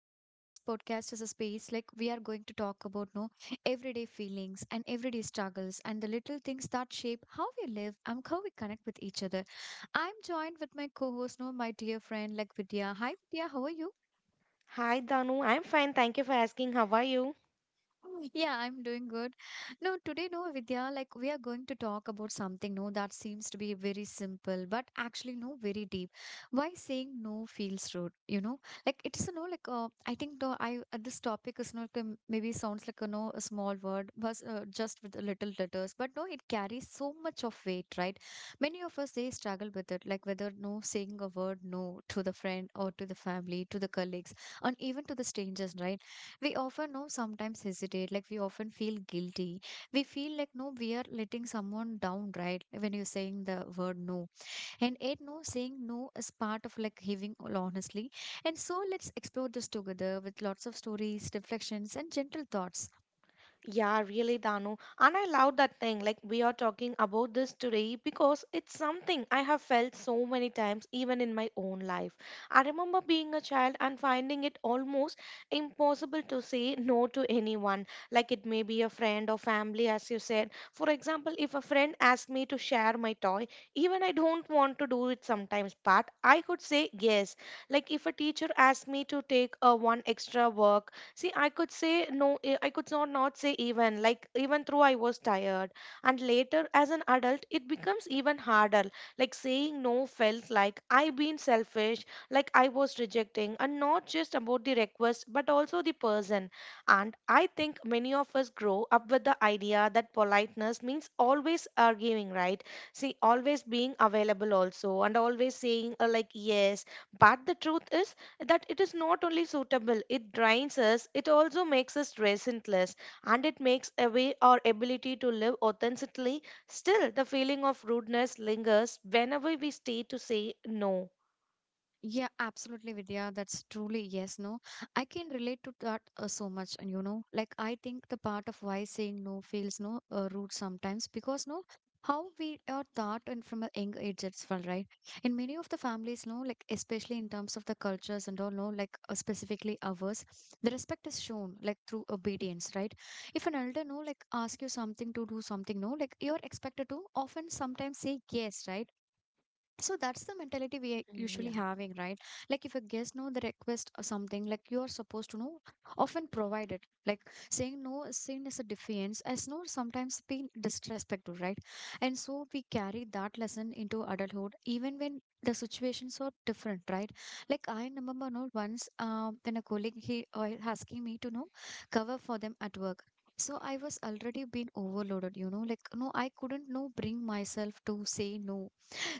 today, this podcast is a space like we are going to talk about no everyday feelings and everyday struggles and the little things that shape how we live and how we connect with each other. I'm joined with my co-host, no, my dear friend like Vidya. Hi, Vidya. How are you? Hi, Danu. I'm fine. Thank you for asking. How are you? Oh, yeah, I'm doing good. No, today, no, Vidya, like we are going to talk about something, no, that seems to be very simple, but actually, no, very deep. Why saying no feels rude, you know? Like it's I think the I this topic is not maybe sounds like a no a small word, but just with the little letters, but no, it carries so much of weight, right? Many of us they struggle with it, like whether no saying a word no to the friend or to the family, to the colleagues, and even to the strangers, right? We often know sometimes hesitate, like we often feel guilty, we feel like no we are letting someone down, right, when you're saying the word no. And it no saying no is part of like giving all honestly. And so let's explore this together with lots of stories, reflections, and gentle thoughts. Yeah, really, Danu. And I love that thing. Like, we are talking about this today because it's something I have felt so many times, even in my own life. I remember being a child and finding it almost impossible to say no to anyone. Like, it may be a friend or family, as you said. For example, if a friend asked me to share my toy, even I don't want to do it sometimes, but I could say yes. Like, if a teacher asked me to take a one extra work, see, I could say no, I could not, not say even, like, even though I was tired. And later, as an adult, it becomes even harder. Like, saying no felt like I been selfish, like I was rejecting, and not just about the request, but also the person. And I think many of us grow up with the idea that politeness means always arguing, right? See, always being available also, and always saying, like, yes. But the truth is, that it is not only suitable, it drains us, it also makes us resentless, and it makes away our ability to live authentically. Still, the feeling of rudeness lingers whenever we stay to say no. Yeah, absolutely, Vidya. That's truly yes, no. I can relate to that so much, and you know, like I think the part of why saying no feels no rude sometimes because no, how we are taught and from a young age as well, right? In many of the families, no, like especially in terms of the cultures and all, no, like specifically ours, the respect is shown like through obedience, right? If an elder no, like ask you something to do something, no, like you're expected to often sometimes say yes, right? So that's the mentality we are Mm, usually yeah. having, right? Like if a guest know the request or something, like you are supposed to know, often provide it. Like saying no is seen as a defiance, as no sometimes being disrespectful, right? And so we carry that lesson into adulthood, even when the situations are different, right? Like I remember no once when a colleague he asking me to know cover for them at work. So I was already been overloaded, you know, like no, I couldn't no bring myself to say no,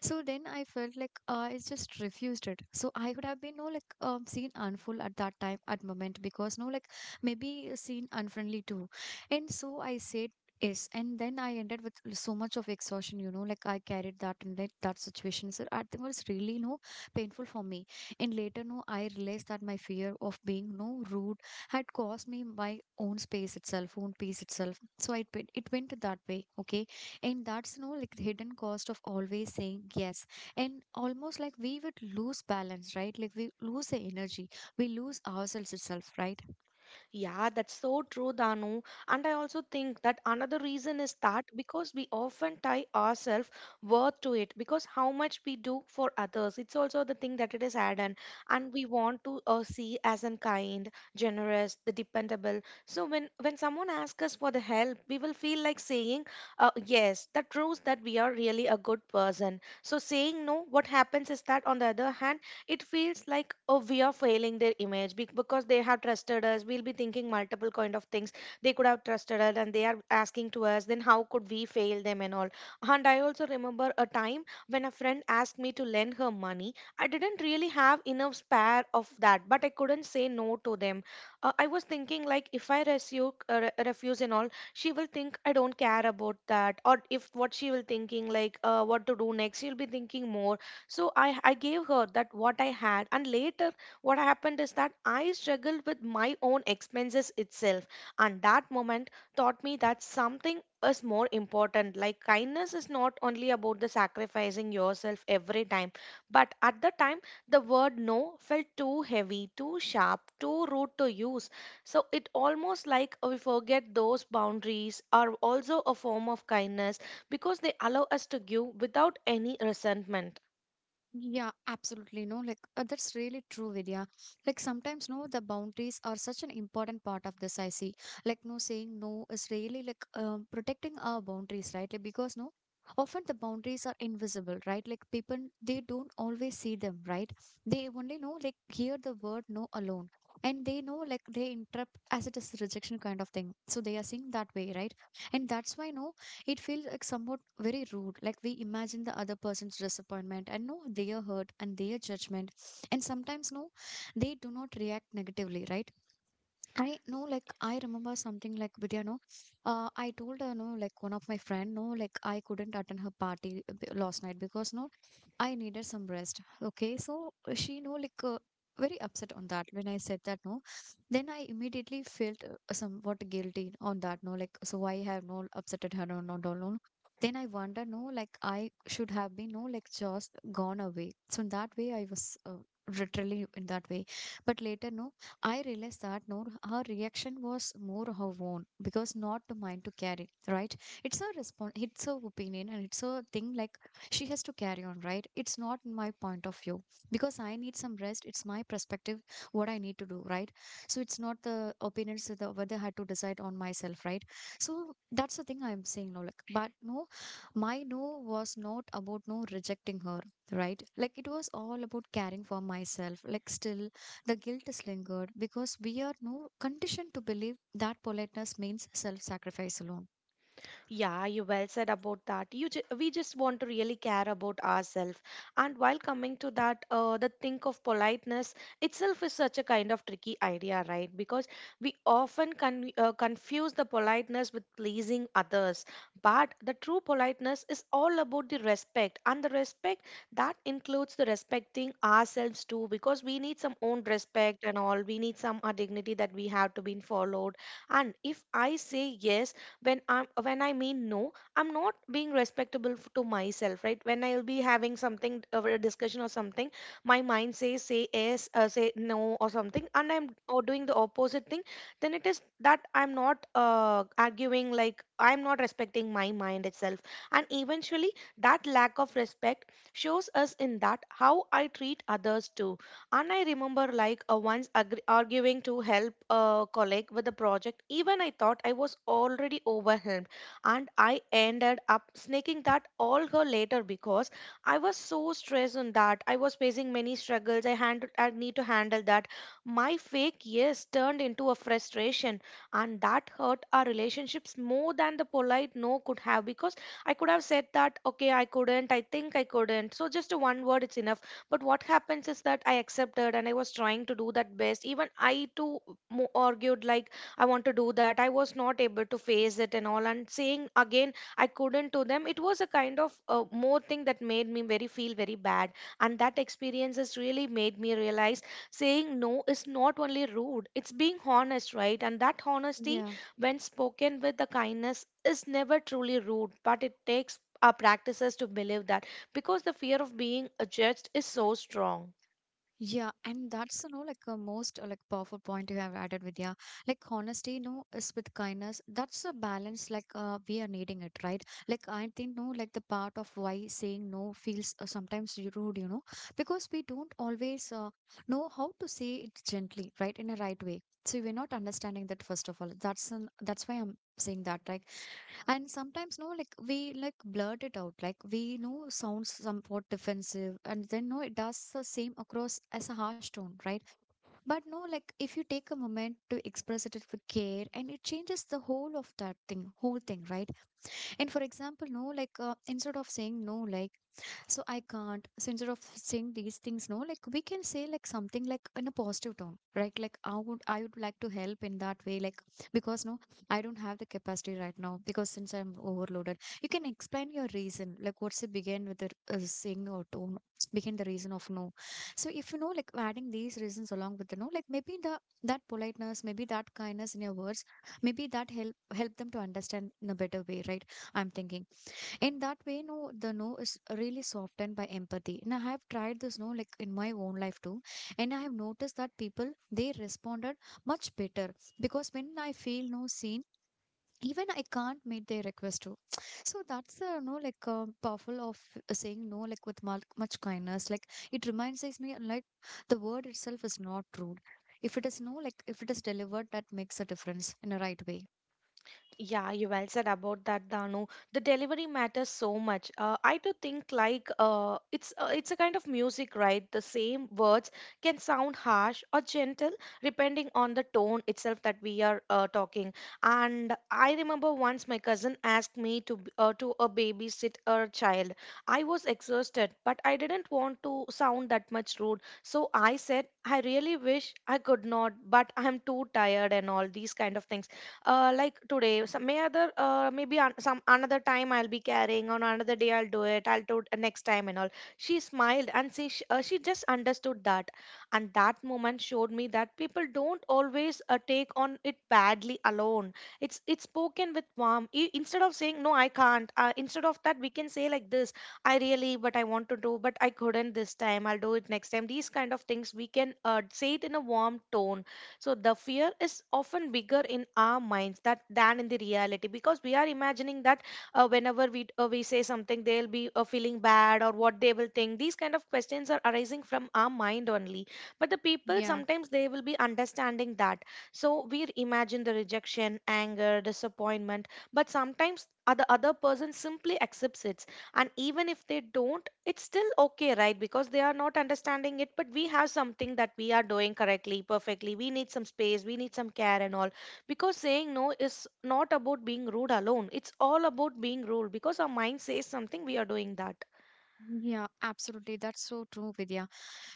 so then I felt like I just refused it. So I would have been no like seen unful at that time at moment because no like maybe seen unfriendly too. And so I said yes, and then I ended with so much of exhaustion. You know, like I carried that in like, that situation. So I think it was really no painful for me. And later no, I realized that my fear of being no rude had caused me my own space itself, own peace itself. So it went that way. Okay, and that's no like the hidden cost of always saying yes, and almost like we would lose balance, right, like we lose the energy, we lose ourselves itself, right? Yeah, that's so true, Danu. And I also think that another reason is that because we often tie ourselves worth to it, because how much we do for others, it's also the thing that it is added, and we want to see as in kind, generous, the dependable. So when someone asks us for the help, we will feel like saying, yes, that proves that we are really a good person. So saying no, what happens is that on the other hand, it feels like, oh, we are failing their image because they have trusted us. We'll be thinking multiple kind of things. They could have trusted us and they are asking to us, then how could we fail them and all. And I also remember a time when a friend asked me to lend her money. I didn't really have enough spare of that, but I couldn't say no to them. I was thinking like, if I refuse and all, she will think I don't care about that, or if what she will thinking like, what to do next, she'll be thinking more. So I gave her that what I had. And later, what happened is that I struggled with my own expenses itself. And that moment taught me that something is more important. Like, kindness is not only about the sacrificing yourself every time, but at the time, the word no felt too heavy, too sharp, too rude to use. So it almost like we forget those boundaries are also a form of kindness because they allow us to give without any resentment. Yeah, absolutely. No, like that's really true, Vidya. Like sometimes, no, the boundaries are such an important part of this. I see, like, no, saying no is really like protecting our boundaries, right? Like, because, no, often the boundaries are invisible, right? Like, people they don't always see them, right? They only know, like, hear the word no alone, and they know, like, they interrupt as it is rejection kind of thing. So they are seeing that way, right? And that's why, no, it feels like somewhat very rude, like we imagine the other person's disappointment and know their hurt and their judgment, and sometimes no they do not react negatively, right? I know, like, I remember something like Vidya, no, I told her, no, like, one of my friend, no, like, I couldn't attend her party last night because, no, I needed some rest. Okay, so she, no, like, very upset on that when I said that, no. Then I immediately felt somewhat guilty on that, no, like, so I have no upsetted her, no, not all, no. Then I wonder, no, like, I should have been, no, like, just gone away. So in that way, I was literally in that way. But later, no. I realized that no, her reaction was more her own because not mine to carry, right? It's her response, it's her opinion, and it's her thing. Like she has to carry on, right? It's not my point of view because I need some rest. It's my perspective, what I need to do, right? So it's not the opinions of the whether I had to decide on myself, right? So that's the thing I'm saying now. Like, but no, my no was not about no rejecting her, right? Like it was all about caring for myself, like still the guilt is lingered because we are no conditioned to believe that politeness means self-sacrifice alone. Yeah, you well said about that. We just want to really care about ourselves. And while coming to that, the think of politeness itself is such a kind of tricky idea, right? Because we often confuse the politeness with pleasing others. But the true politeness is all about the respect, and the respect that includes the respecting ourselves too, because we need some own respect and all. We need some dignity that we have to be followed. And if I say yes when I mean no, I'm not being respectable to myself, right? When I'll be having something, a discussion or something, my mind says say yes, say no or something, and I'm or doing the opposite thing, then it is that I'm not, arguing, like I'm not respecting my mind itself. And eventually, that lack of respect shows us in that how I treat others too. And I remember like, once agr arguing to help a colleague with a project. Even I thought I was already overwhelmed, and I ended up snaking that all her later because I was so stressed on that. I was facing many struggles. I handled. I need to handle that. My fake yes turned into a frustration, and that hurt our relationships more than the polite no could have, because I could have said that, okay, I couldn't. I think I couldn't. So just a one word, it's enough. But what happens is that I accepted and I was trying to do that best, even I too argued like I want to do that, I was not able to face it and all, and saying again I couldn't to them, it was a kind of, more thing that made me very feel very bad. And that experience has really made me realize saying no is not only rude, it's being honest, right? And that honesty, Yeah. when spoken with the kindness, is never truly rude, but it takes our practices to believe that, because the fear of being, judged is so strong. Yeah, and that's you know like a most like powerful point you have added, Vidya. Like honesty, no, is with kindness. That's a balance. Like we are needing it, right? Like I think no, like the part of why saying no feels sometimes rude, you know, because we don't always know how to say it gently, right, in a right way. So we're not understanding that first of all. That's why I'm saying that, right? And sometimes, no, like we like blurt it out, like we know sounds somewhat defensive, and then no, it does the same across as a harsh tone, right? But no, like if you take a moment to express it with care, and it changes the whole of that thing, whole thing, right? And for example no like instead of saying no like so I can't, so instead of saying these things no like we can say like something like in a positive tone, right? Like I would like to help in that way like because no I don't have the capacity right now because since I'm overloaded. You can explain your reason, like what's the begin with the saying or tone, begin the reason of no. So if you know like adding these reasons along with the no like maybe the that politeness, maybe that kindness in your words, maybe that help them to understand in a better way, right? I'm thinking. In that way, no, the no is really softened by empathy. And I have tried this no, like in my own life too. And I have noticed that people they responded much better because when I feel no seen, even I can't meet their request too. So that's the no like powerful of saying no like with much kindness. Like it reminds me like the word itself is not rude. If it is no like if it is delivered, that makes a difference in a right way. Yeah, you well said about that, Danu. The delivery matters so much. I do think like, it's a kind of music, right? The same words can sound harsh or gentle depending on the tone itself that we are, talking. And I remember once my cousin asked me to to a babysit a child. I was exhausted, but I didn't want to sound that much rude, so I said I really wish I could not, but I'm too tired and all these kind of things. Like, today some may other, maybe on some another time, I'll be carrying on another day, I'll do it, I'll do it next time and all. She smiled and she just understood that. And that moment showed me that people don't always, take on it badly alone. It's spoken with warmth. Instead of saying no I can't, instead of that we can say like this, I really but I want to do, but I couldn't this time, I'll do it next time, these kind of things we can, say it in a warm tone. So the fear is often bigger in our minds that than in the reality, because we are imagining that, whenever we say something, they'll be, feeling bad or what they will think. These kind of questions are arising from our mind only. But the people Yeah. sometimes they will be understanding that. So we imagine the rejection, anger, disappointment, but sometimes other person simply accepts it. And even if they don't, it's still okay, right? Because they are not understanding it, but we have something that we are doing correctly, perfectly. We need some space, we need some care and all, because saying no is not about being rude alone, it's all about being rude because our mind says something, we are doing that. Yeah, absolutely. That's so true, Vidya.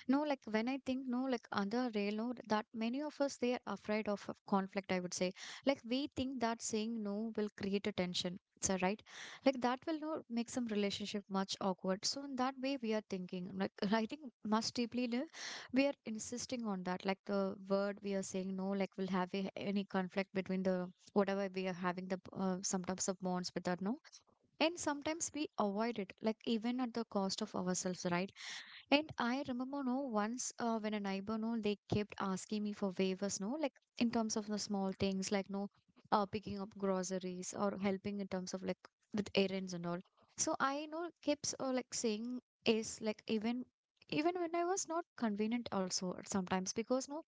No, like when I think, no, like other railroad that many of us they are afraid of conflict, I would say. Like we think that saying no will create a tension. So right? Like that will not make some relationship much awkward. So in that way we are thinking. Like I think much deeply we are insisting on that. Like the word we are saying no, like will have a, any conflict between the whatever we are having the sometimes of bonds with that no. And sometimes we avoid it, like even at the cost of ourselves, right? And I remember, no, once when a neighbor, no, they kept asking me for waivers, no, like in terms of the small things, like, no, picking up groceries or helping in terms of like with errands and all. So I, know, kept like saying is like even when I was not convenient also sometimes because no,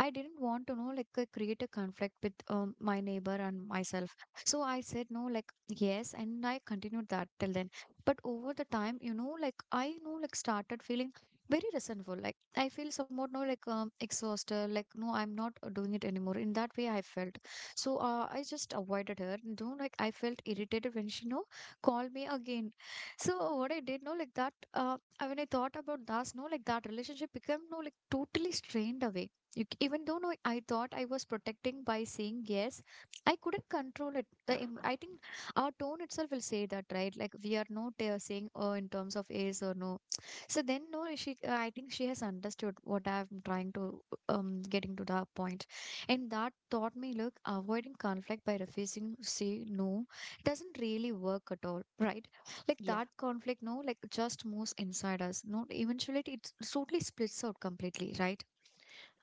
I didn't want to know, like, create a conflict with my neighbor and myself. So I said no, like, yes, and I continued that till then. But over the time, you know, like, I know, like, started feeling very resentful. Like, I feel somewhat, no, like, exhausted. Like, no, I'm not doing it anymore. In that way, I felt. So I just avoided her. You know, like, I felt irritated when she, no, called me again. So what I did, no, like, that, when I thought about that, no, like, that relationship became, no, like, totally strained away, you, even though no, I thought I was protecting by saying yes, I couldn't control it. I think our tone itself will say that, right? Like we are not saying oh in terms of yes or no. So then no, she. I think she has understood what I'm trying to getting to that point, and that taught me look avoiding conflict by refusing to say no doesn't really work at all, right? Like Yeah. that conflict, no, like just moves inside us. No, eventually it totally splits out completely, right?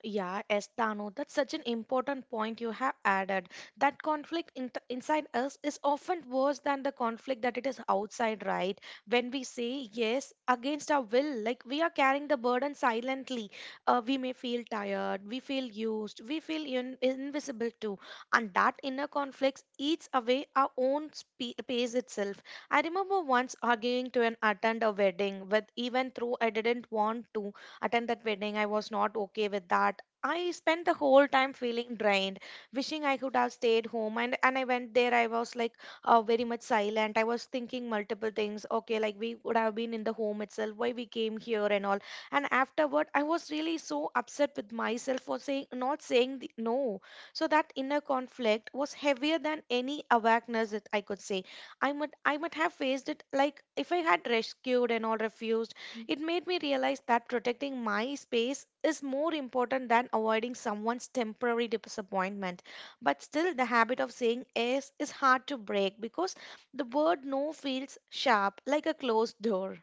Yeah, yes, Dano, that's such an important point you have added. That conflict in inside us is often worse than the conflict that it is outside, right? When we say yes against our will, like we are carrying the burden silently. We may feel tired, we feel used, we feel invisible too. And that inner conflict eats away our own pace itself. I remember once arguing to an attend a wedding with, even though I didn't want to attend that wedding, I was not okay with that. I spent the whole time feeling drained, wishing I could have stayed home. And I went there, I was like, very much silent. I was thinking multiple things. Okay, like we would have been in the home itself, why we came here and all. And afterward, I was really so upset with myself for saying not saying the, no. So that inner conflict was heavier than any awareness that I could say. I might have faced it, like if I had rescued and all refused. It made me realize that protecting my space is more important than avoiding someone's temporary disappointment. But still, the habit of saying yes is hard to break because the word no feels sharp, like a closed door.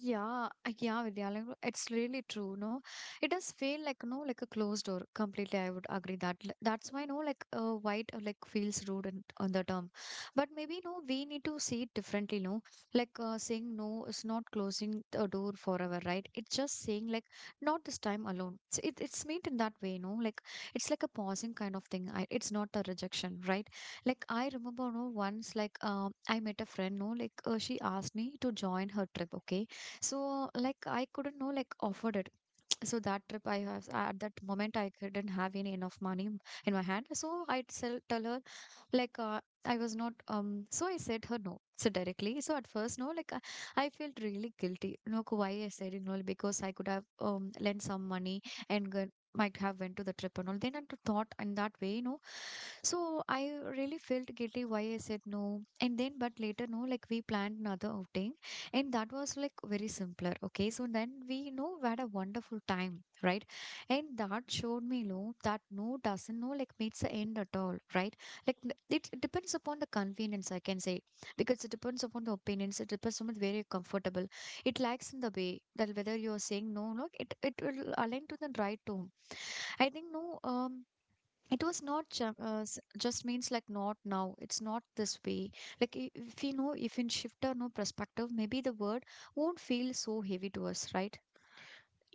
Yeah, yeah, Vidya, like, it's really true, no? It does feel like, no, like a closed door. Completely, I would agree that. That's why, no, white, like, feels rude in, on the term. But maybe, no, we need to see it differently, no? Like, saying no is not closing a door forever, right? It's just saying, like, not this time alone. It's meant in that way, no? Like, it's like a pausing kind of thing. It's not a rejection, right? Like, I remember, no, once, like, I met a friend, no, like, she asked me to join her trip, okay? So like I couldn't know like afford it. So that trip I have at that moment I couldn't have any enough money in my hand. So tell her like I was not. So I said her no. So directly. So at first no like I felt really guilty. Look why I said no because I could have lent some money and might have went to the trip and all. Then I thought in that way no so I really felt guilty why I said no. And then, but later, no, like we planned another outing, and that was like very simpler. Okay, so then we you know had a wonderful time, right? And that showed me, no, that no doesn't no like meets the end at all, right? Like it depends upon the convenience, I can say, because it depends upon the opinions. It depends upon where you're comfortable. It lacks in the way that whether you are saying no, no, it will align to the right tone. I think no. It was not just means like not now it's not this way like if we know if in shift or no perspective maybe the word won't feel so heavy to us, right?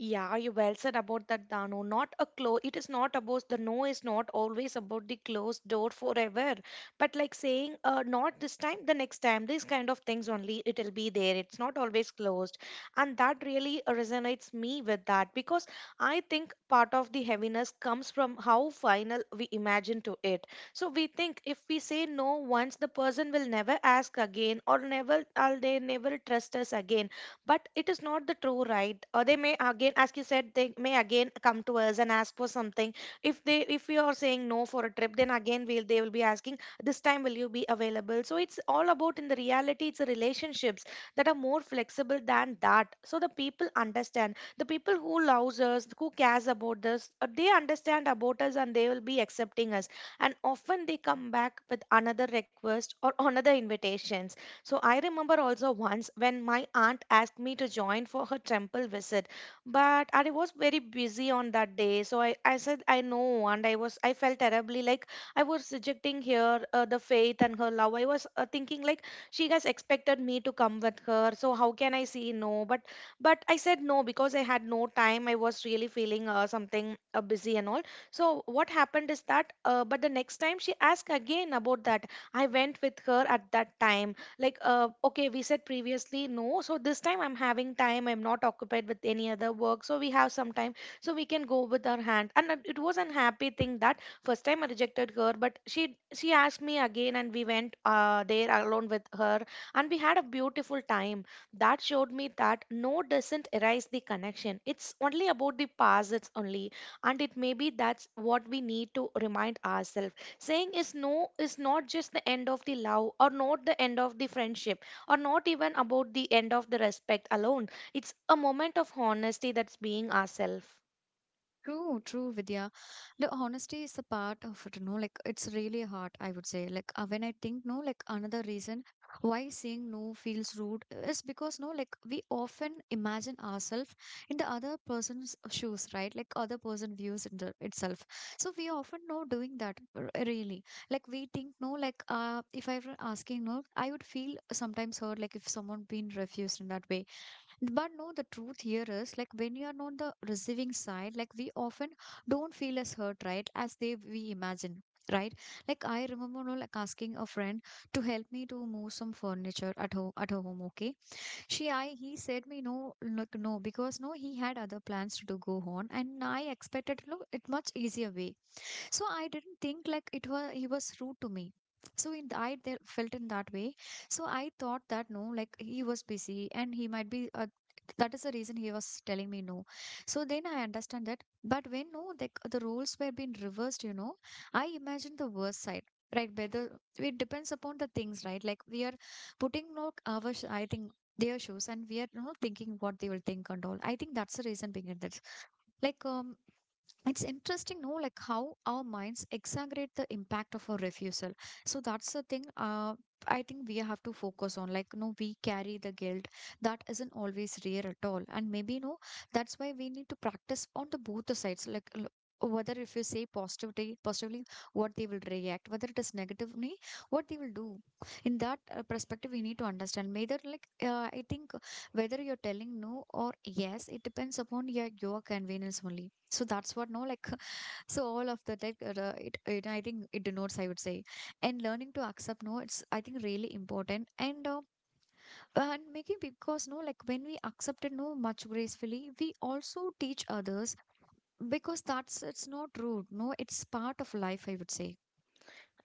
Yeah, you well said about that, Dano. Not a close, it is not about the no is not always about the closed door forever. But like saying, not this time, the next time, these kind of things only, it'll be there. It's not always closed. And that really resonates me with that, because I think part of the heaviness comes from how final we imagine to it. So we think if we say no once, the person will never ask again or never, or they never trust us again, but it is not the true right. Or they may again, as you said, they may again come to us and ask for something. If we are saying no for a trip, then again will they will be asking this time will you be available? So it's all about in the reality it's the relationships that are more flexible than that. So the people understand, the people who loves us, who cares about us, they understand about us and they will be accepting us, and often they come back with another request or another invitations. So I remember also once when my aunt asked me to join for her temple visit, but I was very busy on that day. So I said I know, and I felt terribly like I was rejecting here the faith and her love. I was thinking like she has expected me to come with her, so how can I say no? But I said no because I had no time. I was really feeling something busy and all. So what happened is that, but the next time she asked again about that. I went with her at that time like okay, we said previously no, so this time I'm having time, I'm not occupied with any other work, so we have some time, so we can go with our hand. And it was an happy thing that first time I rejected her, but she asked me again and we went there alone with her, and we had a beautiful time. That showed me that no doesn't erase the connection, it's only about the past, it's only, and it may be that's what we need to remind ourselves. Saying is no is not just the end of the love or not the end of the friendship or not even about the end of the respect alone. It's a moment of honesty that's being ourselves. True, true, Vidya. The honesty is a part of it, no? Like, it's really hard, I would say. Like, when I think, no, like, another reason why saying no feels rude is because, no, like, we often imagine ourselves in the other person's shoes, right? Like, other person views in the, itself. So, we often know doing that, really. Like, we think, no, like, if I were asking, no, I would feel sometimes hurt, like, if someone been refused in that way but no, the truth here is like when you are on the receiving side, like we often don't feel as hurt, right? As they we imagine, right? Like I remember no, like asking a friend to help me to move some furniture at home at her home, okay? She I he said me no like no because no he had other plans to do go on and I expected look it much easier way. So I didn't think like it was he was rude to me. So in I there felt in that way. So I thought that no, like he was busy and he might be. That is the reason he was telling me no. So then I understand that. But when no, the roles were being reversed, you know, I imagined the worst side. Right, whether it depends upon the things, right? Like we are putting no our I think their shoes and we are you know thinking what they will think and all. I think that's the reason behind that like it's interesting no like how our minds exaggerate the impact of a refusal. So that's the thing, I think we have to focus on like no we carry the guilt that isn't always real at all and maybe no that's why we need to practice on the both the sides like whether if you say positivity positively what they will react whether it is negatively what they will do in that perspective we need to understand whether like I think whether you're telling no or yes it depends upon your convenience only. So that's what no like so all of that like it, it I think it denotes I would say. And learning to accept no it's I think really important, and making because no like when we accept it no much gracefully we also teach others because that's it's not rude no it's part of life I would say.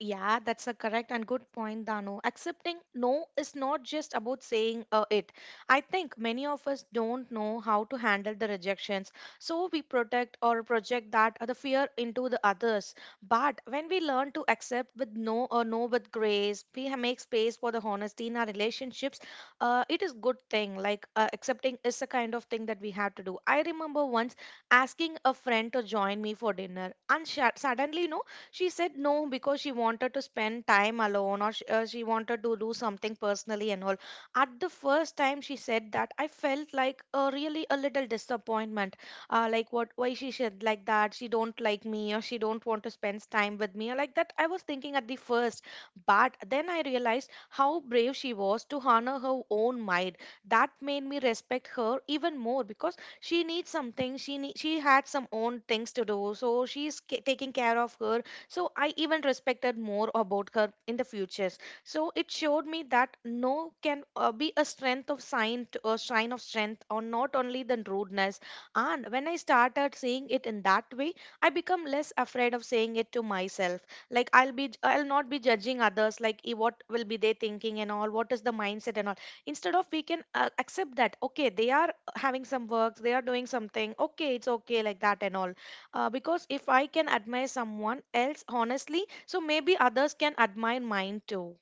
Yeah, that's a correct and good point, Dano. Accepting no is not just about saying it. I think many of us don't know how to handle the rejections, so we protect or project that the fear into the others. But when we learn to accept with no or no with grace, we make space for the honesty in our relationships. It is good thing. Like accepting is a kind of thing that we have to do. I remember once asking a friend to join me for dinner, and suddenly, no, she said no because she wanted to spend time alone, or she wanted to do something personally and all. At the first time she said that, I felt like a really a little disappointment. Like what why she said like that, she don't like me or she don't want to spend time with me or like that. I was thinking at the first, but then I realized how brave she was to honor her own mind. That made me respect her even more because she needs something. She need, she had some own things to do, so she's taking care of her, so I even respected more about her in the futures. So it showed me that no can be a strength of sign, to, a sign of strength, or not only than rudeness. And when I started seeing it in that way, I become less afraid of saying it to myself. Like I'll be, I'll not be judging others. Like eh, what will be they thinking and all? What is the mindset and all? Instead of we can accept that okay, they are having some works, they are doing something. Okay, it's okay like that and all, because if I can admire someone else honestly, so maybe others can admire mine too.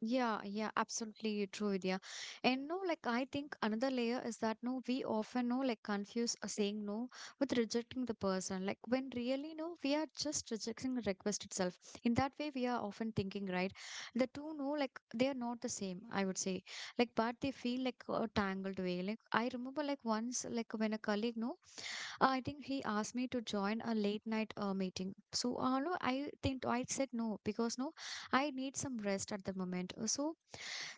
Yeah, yeah, absolutely true, Vidya. And no, like I think another layer is that no, we often no, like confuse a saying no with rejecting the person. Like when really no, we are just rejecting the request itself. In that way, we are often thinking, right? The two no, like they are not the same, I would say. Like, but they feel like a tangled way. Like I remember like once, like when a colleague no, I think he asked me to join a late night meeting. So no, I think I said no because no, I need some rest at the moment.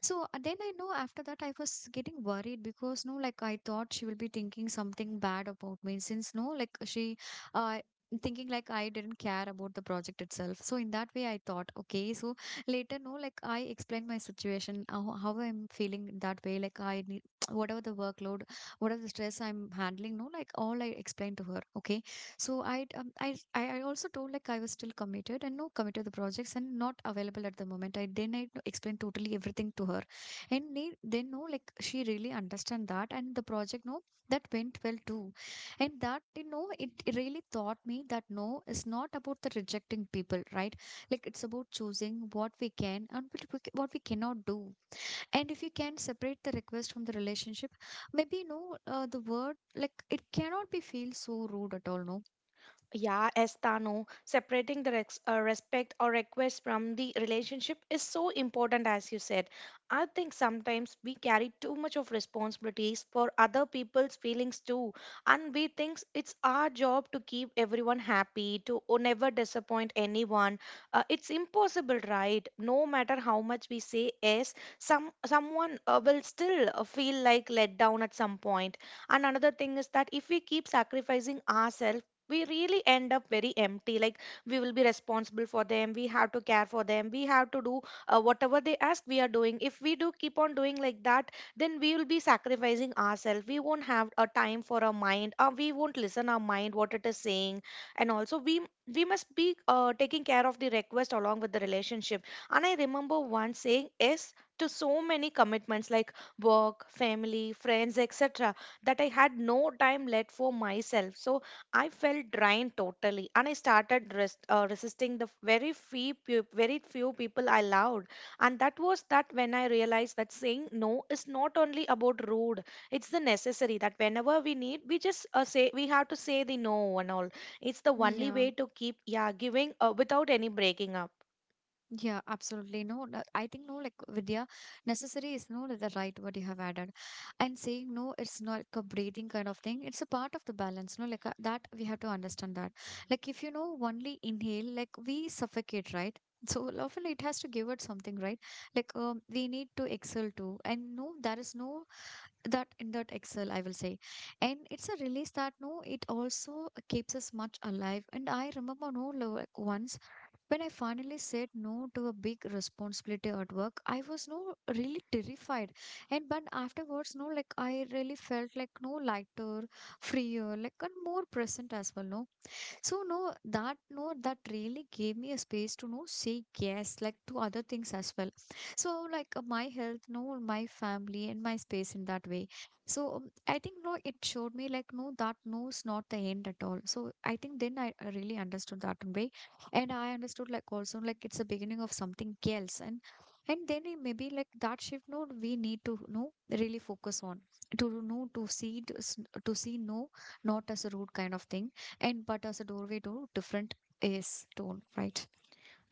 So then I know after that I was getting worried because no, like I thought she will be thinking something bad about me since no, like uh, thinking like I didn't care about the project itself. So in that way I thought, okay. So later no, like I explained my situation, how I'm feeling in that way. Like I need whatever the workload, whatever the stress I'm handling, no, like all I explained to her. Okay. So I I also told like I was still committed and no committed to the projects and not available at the moment. I then I explained totally everything to her, and they then no like she really understand that and the project no that went well too, and that you know it really taught me that no is not about the rejecting people, right? Like it's about choosing what we can and what what we cannot do, and if you can separate the request from the relationship maybe no the word like it cannot be feel so rude at all, no? Yeah, Estano, separating the rex respect or request from the relationship is so important, as you said. I think sometimes we carry too much of responsibilities for other people's feelings too, and we think it's our job to keep everyone happy, to never disappoint anyone. It's impossible, right? No matter how much we say yes, someone will still feel like let down at some point. And another thing is that if we keep sacrificing ourselves, we really end up very empty. Like we will be responsible for them, we have to care for them, we have to do whatever they ask, we are doing. If we do keep on doing like that, then we will be sacrificing ourselves, we won't have a time for our mind or we won't listen our mind what it is saying. And also we must be taking care of the request along with the relationship. And I remember once saying yes to so many commitments like work, family, friends, etc., that I had no time left for myself. So I felt drained totally, and I started resisting the very few people I loved. And that was that when I realized that saying no is not only about rude; it's the necessary that whenever we need, we just say, we have to say the no and all. It's the only Yeah, way to keep yeah giving without any breaking up. yeah, absolutely. No, no, I think no, like Vidya, necessary is no the right word you have added. And saying no, it's not like a breathing kind of thing. It's a part of the balance, no, like that we have to understand that. Like if you know only inhale, like we suffocate, right? So often it has to give it something, right? Like we need to exhale too. And no, there is no that in that excel I will say. And it's a release that no it also keeps us much alive, and I remember no like once when I finally said no to a big responsibility at work, I was no really terrified. And but afterwards, no, like I really felt like no lighter, freer, like and more present as well. No, so no, that no, that really gave me a space to know say yes, like to other things as well. So like my health, no, my family and my space in that way. So I think no, it showed me like no, that no's not the end at all. So I think then I really understood that way, and I understood like also like it's the beginning of something else, and then it maybe like that shift no, we need to know really focus on to know to see no not as a root kind of thing and but as a doorway to different is tone, right?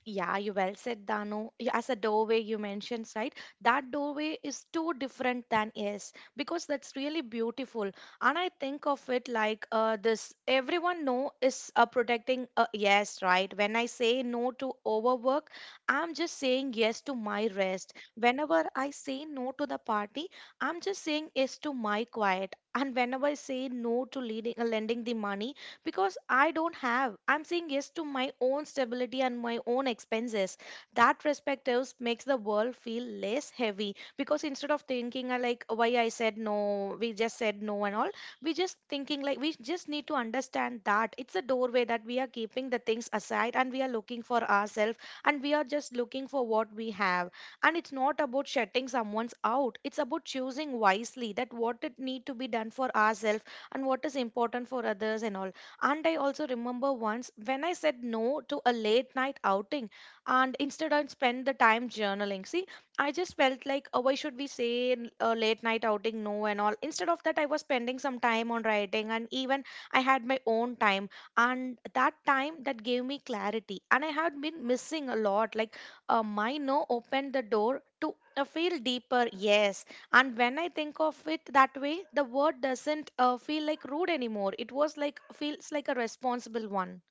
Yeah, you well said, Dano. As a doorway you mentioned, right? That doorway is too different than is because that's really beautiful. And I think of it like this. Everyone know is protecting a yes, right? When I say no to overwork, I'm just saying yes to my rest. Whenever I say no to the party, I'm just saying yes to my quiet. And whenever I say no to leading, lending the money, because I don't have. I'm saying yes to my own stability and my own expenses. That perspective makes the world feel less heavy because instead of thinking like "Oh, why I said no, we just said no and all, we just thinking like we just need to understand that it's a doorway that we are keeping the things aside and we are looking for ourselves, and we are just looking for what we have, and it's not about shutting someone's out, it's about choosing wisely that what it need to be done for ourselves and what is important for others and all. And I also remember once when I said no to a late night outing, and instead I spent the time journaling. See, I just felt like, oh, why should we say a late night outing no and all? Instead of that, I was spending some time on writing, and even I had my own time. And that time that gave me clarity. And I had been missing a lot. Like, my no opened the door to feel deeper yes. And when I think of it that way, the word doesn't feel like rude anymore. It was like feels like a responsible one.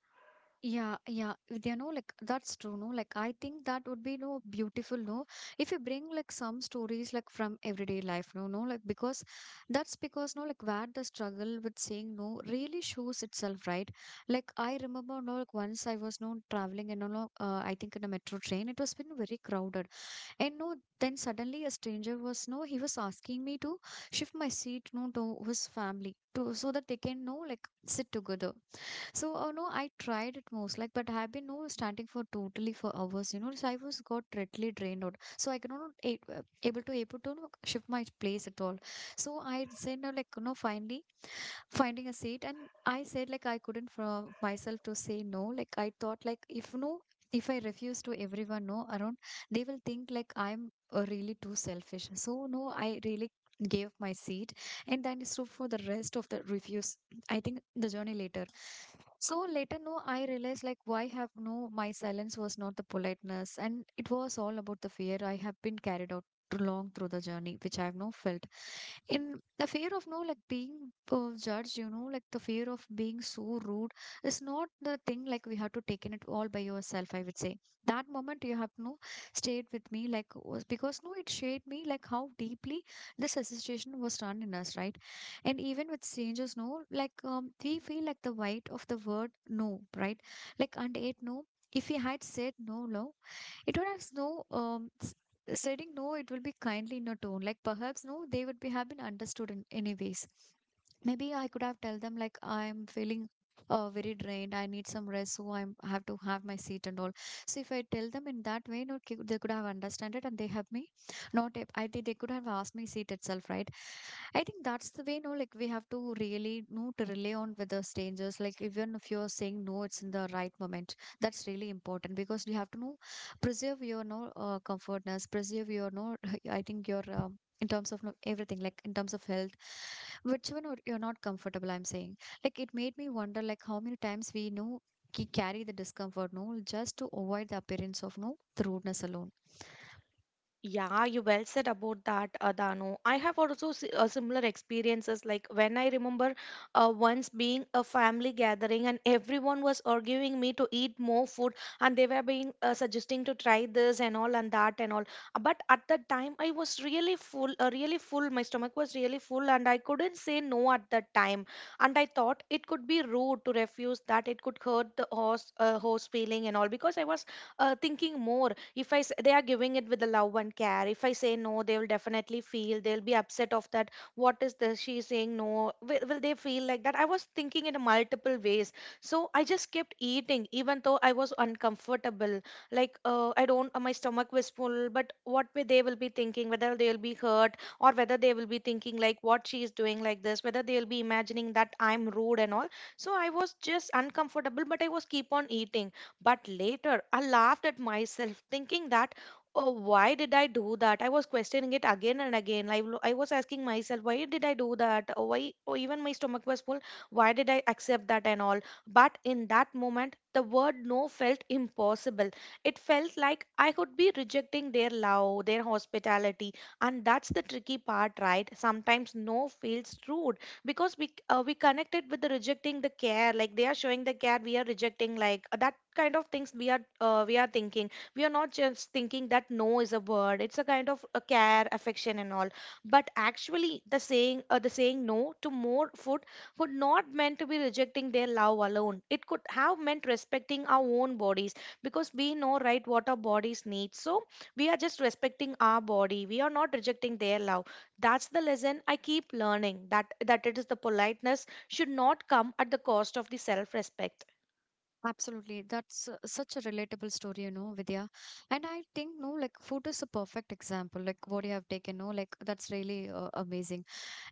Yeah, yeah, they know like that's true no like I think that would be no beautiful no if you bring like some stories like from everyday life no no like because that's because no like where the struggle with saying no really shows itself, right? Like I remember no like once I was no traveling and no, no, I think in a metro train it was been very crowded. And no, then suddenly a stranger was no, he was asking me to shift my seat no to his family to so that they can no, like sit together. So, no, I tried it most, like, but I've been no standing for totally for hours, you know. So I was got totally drained out. So I could not able to no, shift my place at all. So I said, no, like, you know, finally finding a seat, and I said, like, I couldn't for myself to say no. Like, I thought, like, if no. If I refuse to everyone no around, they will think like I'm really too selfish. So no, I really gave my seat and then it's true for the rest of the refuse I think the journey later. So later, no, I realized like why have no, my silence was not the politeness, and it was all about the fear I have been carried out too long through the journey, which I have no felt in the fear of no like being judged. You know, like the fear of being so rude is not the thing like we have to take in it all by yourself. I would say that moment you have no stayed with me like was because no, it shaped me like how deeply this association was run in us, right? And even with strangers no like we feel like the weight of the word no right like and it no if we had said no no, it would have no saying no it will be kindly in a tone like perhaps no they would be have been understood in any ways maybe I could have tell them like I'm feeling very drained I need some rest so I have to have my seat and all so if I tell them in that way no they could have understood it and they help me not if I think they could have asked me seat itself, right? I think that's the way, no, like we have to really know to rely on with the strangers. Like even if you're saying no, it's in the right moment. That's really important because you have to know preserve your no comfortness, preserve your no. I think your in terms of no, everything, like in terms of health, which one you're not comfortable. I'm saying, like it made me wonder, like how many times we know. Carry the discomfort, no, just to avoid the appearance of no the rudeness alone. Yeah, you well said about that, Danu. I have also similar experiences. Like when I remember once being a family gathering and everyone was arguing me to eat more food, and they were being suggesting to try this and all and that and all. But at that time, I was really full, really full. My stomach was really full, and I couldn't say no at that time. And I thought it could be rude to refuse that. It could hurt the host, host feeling and all, because I was thinking more, if I s- they are giving it with the love and care, if I say no they will definitely feel, they'll be upset of that. What is this, she is saying no, will, will they feel like that? I was thinking in multiple ways. So I just kept eating even though I was uncomfortable. Like I don't my stomach was full, but what way they will be thinking, whether they'll be hurt, or whether they will be thinking like what she is doing like this, whether they'll be imagining that I'm rude and all. So I was just uncomfortable, but I was keep on eating. But later, I laughed at myself, thinking that, oh, why did I do that? I was questioning it again and again. I was asking myself, why did I do that? Oh, why? Oh, even my stomach was full. Why did I accept that and all? But in that moment, the word no felt impossible. It felt like I could be rejecting their love, their hospitality. And that's the tricky part, right? Sometimes no feels rude because we connected with the rejecting the care like they are showing the care we are rejecting like that kind of things we are thinking. We are not just thinking that no is a word. It's a kind of a care, affection and all. But actually the saying no to more food would not meant to be rejecting their love alone. It could have meant respecting our own bodies, because we know, right, what our bodies need. So we are just respecting our body, we are not rejecting their love. That's the lesson I keep learning, that it is the politeness should not come at the cost of the self-respect. Absolutely. That's such a relatable story, you know, Vidya. And I think, no, like food is a perfect example, like what you have taken, no, like that's really amazing.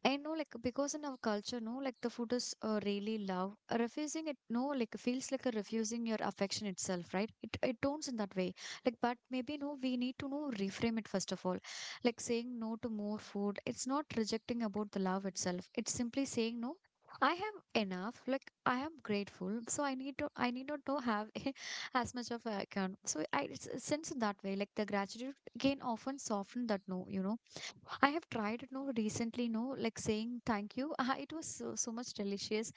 I know, like, because in our culture, no, like, the food is really love. Refusing it, no, like, feels like a refusing your affection itself, right? It turns in that way. Like, but maybe no, we need to no reframe it first of all. Like saying no to more food. It's not rejecting about the love itself. It's simply saying no. I have enough. Like I am grateful, so I need to. I need not to have as much of I can. So I since in that way, like the gratitude can often soften that no, you know I have tried it no recently, no, like saying thank you. Ah, it was so, so much delicious.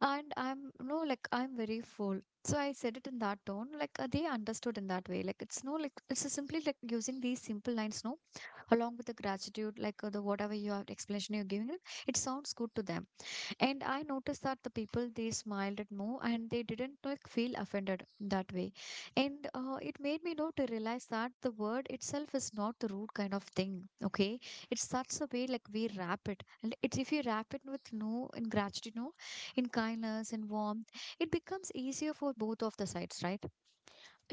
And I'm no, like I'm very full. So I said it in that tone, like they understood in that way. Like it's no, like it's just simply like using these simple lines, no, along with the gratitude, like the whatever you have explanation you're giving, it sounds good to them. And I noticed that the people they smiled at more and they didn't like feel offended that way. And it made me know to realize that the word itself is not the root kind of thing. Okay, it's such a way like we wrap it, and it's if you wrap it with no in gratitude, no, in kindness and warmth, it becomes easier for both of the sides, right?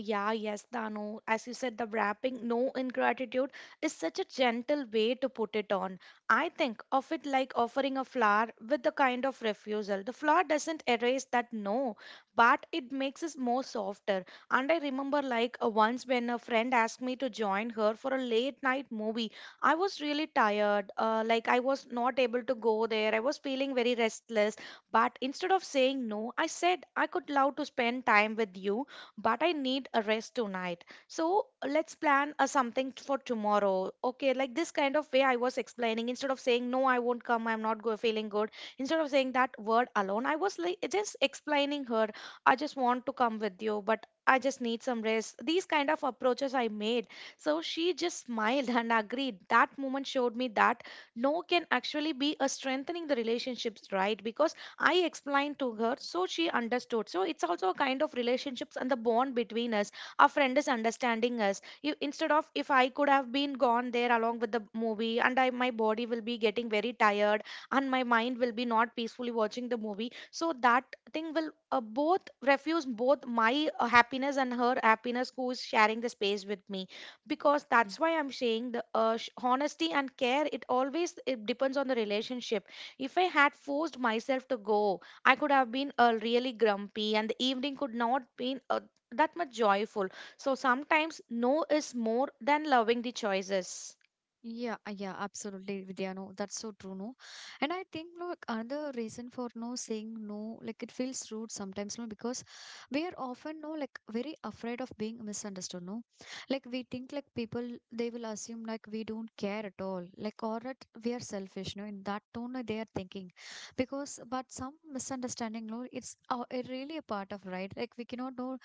Yeah, yes, Dano. As you said, the wrapping no ingratitude is such a gentle way to put it on. I think of it like offering a flower with the kind of refusal. The flower doesn't erase that no, but it makes us more softer. And I remember like once when a friend asked me to join her for a late night movie. I was really tired. Like I was not able to go there. I was feeling very restless. But instead of saying no, I said I could love to spend time with you, but I need a rest tonight. So let's plan a for tomorrow. Okay, like this kind of way I was explaining. Instead of saying no, I won't come. I'm not go- feeling good. Instead of saying that word alone, I was like just explaining her. I just want to come with you, but I just need some rest. These kind of approaches I made. So she just smiled and agreed. That moment showed me that no can actually be a strengthening the relationships, right? Because I explained to her, so she understood. So it's also a kind of relationships and the bond between us. Our friend is understanding us. You, instead of if I could have been gone there along with the movie, and I my body will be getting very tired, and my mind will be not peacefully watching the movie. So that thing will both refuse both my happiness and her happiness who is sharing the space with me, because Yeah. that's why I'm saying the honesty and care, it always it depends on the relationship. If I had forced myself to go, I could have been really grumpy and the evening could not been that much joyful. So sometimes no is more than loving the choices. Yeah, yeah, absolutely, Vidya. No, that's so true. No, and I think like another reason for no saying no, like it feels rude sometimes. No, because we are often no like very afraid of being misunderstood. No, like we think like people they will assume like we don't care at all, like or that we are selfish. No, in that tone they are thinking, because but some misunderstanding. No, it's it really a part of right. Like we cannot know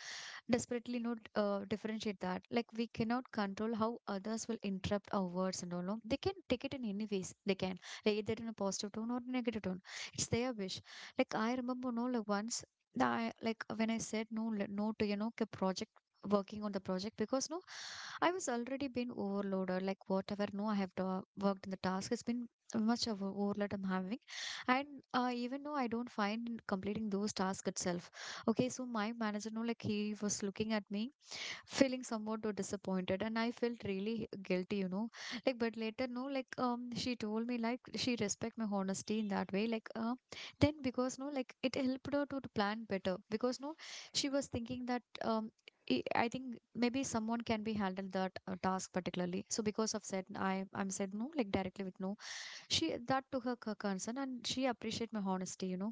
desperately not differentiate that. Like we cannot control how others will interrupt our words and all. No? They can take it in any ways. They can like either in a positive tone or negative tone. It's their wish. Like I remember, no, like once. That I, like when I said no, no to you know a project working on the project because no I was already been overloaded, like whatever. No, I have worked in the task. It's been much of a overload I'm having, and even though I don't find in completing those tasks itself. Okay, so my manager, no, like he was looking at me feeling somewhat too disappointed and I felt really guilty you know like but later no like she told me like she respect my honesty in that way like then because no like it helped her to plan better because no she was thinking that I think maybe someone can be handled that task particularly. So because of said I'm said no like directly with no she that took her concern and she appreciate my honesty you know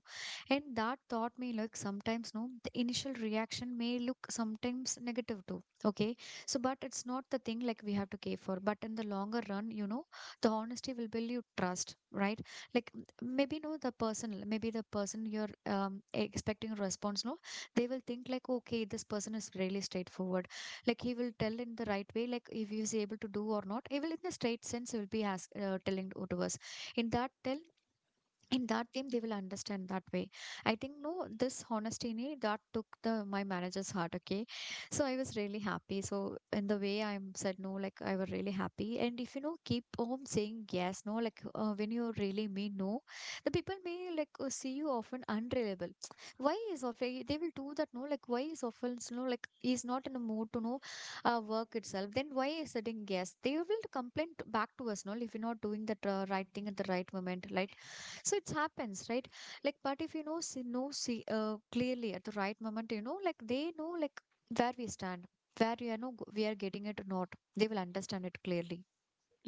and that taught me like sometimes no the initial reaction may look sometimes negative too okay so but it's not the thing like we have to care for but in the longer run you know the honesty will build you trust right like maybe no the person maybe the person you're expecting a response no they will think like okay this person is really straightforward like he will tell in the right way like if he is able to do or not he will in the straight sense he will be as telling to us in that tale, in that game they will understand that way I think no this honesty that took the my manager's heart okay so I was really happy so in the way I said no like I was really happy and if you know keep on saying yes no like when you really mean no the people may like see you often unreliable why is often they will do that no like why is often no like he's not in a mood to know work itself then why is setting yes they will complain back to us no if you're not doing that right thing at the right moment right so it happens right like but if you know see clearly at the right moment you know like they know like where we stand where we are no we are getting it or not they will understand it clearly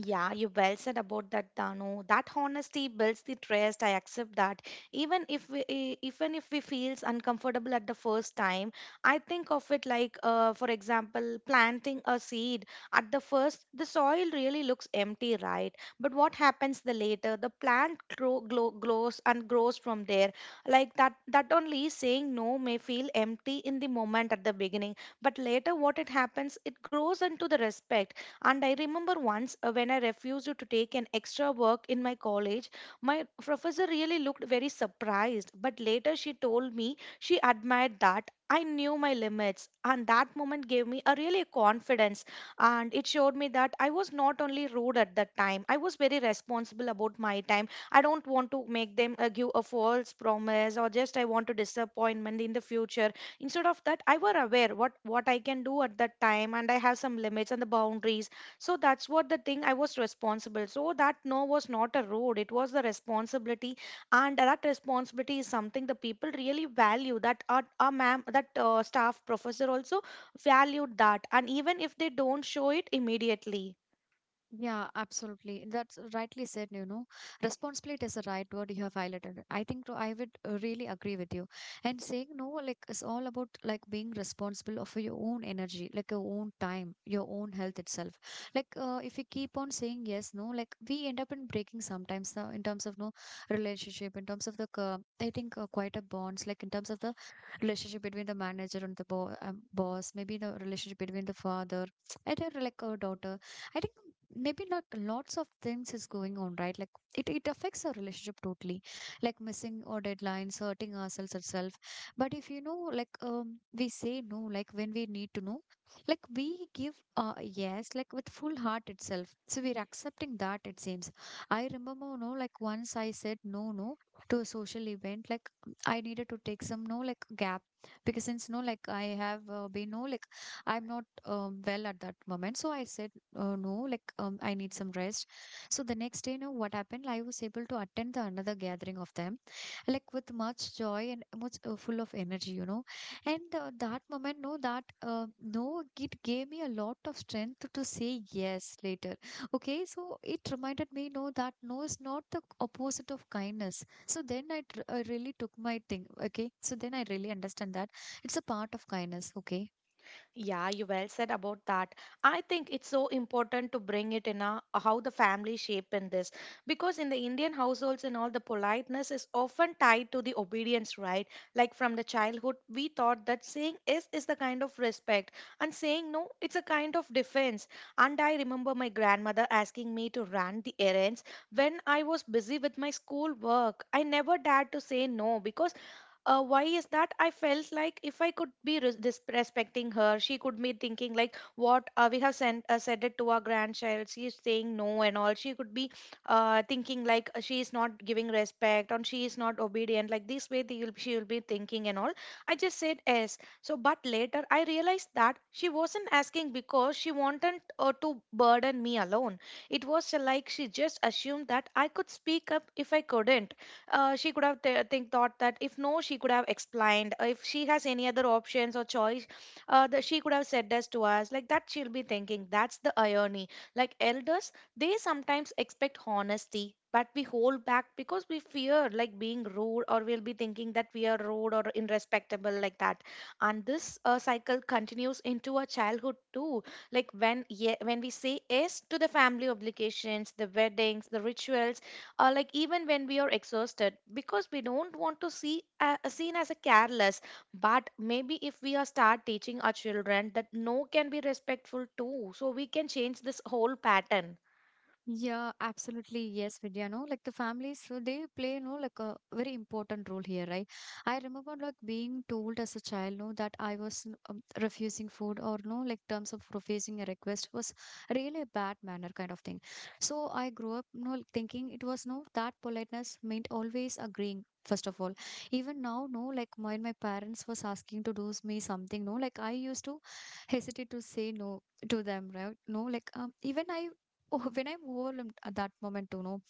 Yeah, you well said about that, Danu. That honesty builds the trust. I accept that. Even if we feels uncomfortable at the first time, I think of it like, for example, planting a seed. At the first, the soil really looks empty, right? But what happens the later? The plant grows and grows from there. Like that, that only saying no may feel empty in the moment at the beginning, but later, what it happens, it grows into the respect. And I remember once when I refused to take an extra work in my college, my professor really looked very surprised. But later she told me she admired that. I knew my limits, and that moment gave me a really confidence. And it showed me that I was not only rude at that time, I was very responsible about my time. I don't want to make them give a false promise or just I want to disappointment in the future. Instead of that, I were aware what I can do at that time, and I have some limits and the boundaries. So that's what the thing I was responsible, so that no was not a road, it was the responsibility. And that responsibility is something the people really value, that our ma'am, that staff professor also valued that, and even if they don't show it immediately. Yeah, absolutely. That's rightly said, you know. Responsibility is the right word you have highlighted. I think too, I would really agree with you. And saying no, like it's all about like being responsible of your own energy, like your own time, your own health itself. Like if you keep on saying yes, no, like we end up in breaking sometimes in terms of no relationship, in terms of the I think quite a bonds, like in terms of the relationship between the manager and the bo boss, maybe the relationship between the father, and like a daughter. I think maybe not lots of things is going on right like it affects our relationship totally like missing or deadlines hurting ourselves itself but if you know like we say no like when we need to know like we give yes like with full heart itself so we're accepting that it seems. I remember no like once I said no no to a social event like I needed to take some no like gap because since no like I have been no like I'm not well at that moment so I said no like I need some rest. So the next day you know what happened I was able to attend the another gathering of them like with much joy and much full of energy you know. And that moment no that uh, no it gave me a lot of strength to say yes later. Okay, so it reminded me no that no is not the opposite of kindness so then I really took my thing okay so then I really understand that it's a part of kindness okay. Yeah, you well said about that. I think it's so important to bring it in a, how the family shape in this, because in the Indian households and all, the politeness is often tied to the obedience, right? Like from the childhood, we thought that saying yes is the kind of respect, and saying no, it's a kind of defense. And I remember my grandmother asking me to run the errands when I was busy with my school work. I never dared to say no because why is that, I felt like if I could be respecting her, she could be thinking like what we have sent said it to our grandchild, she is saying no and all. She could be thinking like she is not giving respect and she is not obedient, like this way they will, she will be thinking and all. I just said yes. So but later I realized that she wasn't asking because she wanted to burden me alone. It was like she just assumed that I could speak up if I couldn't. She could have th- think thought that if no, she could have explained. If she has any other options or choice, that she could have said this to us, like that she'll be thinking. That's the irony, like elders, they sometimes expect honesty but we hold back because we fear like being rude, or we'll be thinking that we are rude or irrespectable, like that. And this cycle continues into our childhood too. Like when we say yes to the family obligations, the weddings, the rituals, like even when we are exhausted, because we don't want to seen as a careless. But maybe if we are start teaching our children that no can be respectful too, so we can change this whole pattern. Yeah, absolutely. Yes, Vidya. No, like the families, so they play, no, like a very important role here, right? I remember like being told as a child, no, that refusing food or no, like terms of refusing a request was really a bad manner kind of thing. So I grew up, no, like, thinking it was no, that politeness meant always agreeing. First of all, even now, no, like when my parents was asking to do me something, no, like I used to hesitate to say no to them, right? No, like even I. Oh, when I'm overwhelmed at that moment, you know,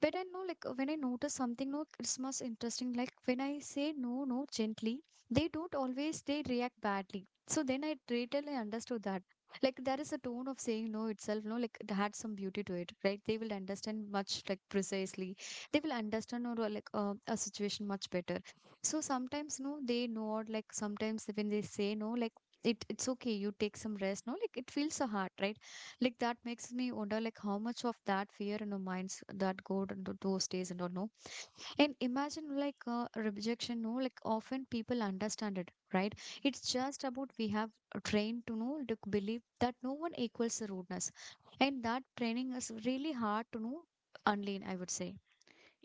when I know, like, when I notice something, no, it's most interesting. Like, when I say no, no, gently, they don't always, they react badly. So then I totally understood that. Like, there is a tone of saying no itself, no, like, it had some beauty to it, right? They will understand much, like, precisely. They will understand, or like, a situation much better. So sometimes, no, they know, or like, sometimes when they say no, like, it's okay, you take some rest, no, like, it feels so hard, right? Like that makes me wonder like how much of that fear in our minds that go into those days and all no. And imagine like rejection, no, like often people understand it, right? It's just about we have trained to know to believe that no one equals the rudeness. And that training is really hard to know unlearn, I would say.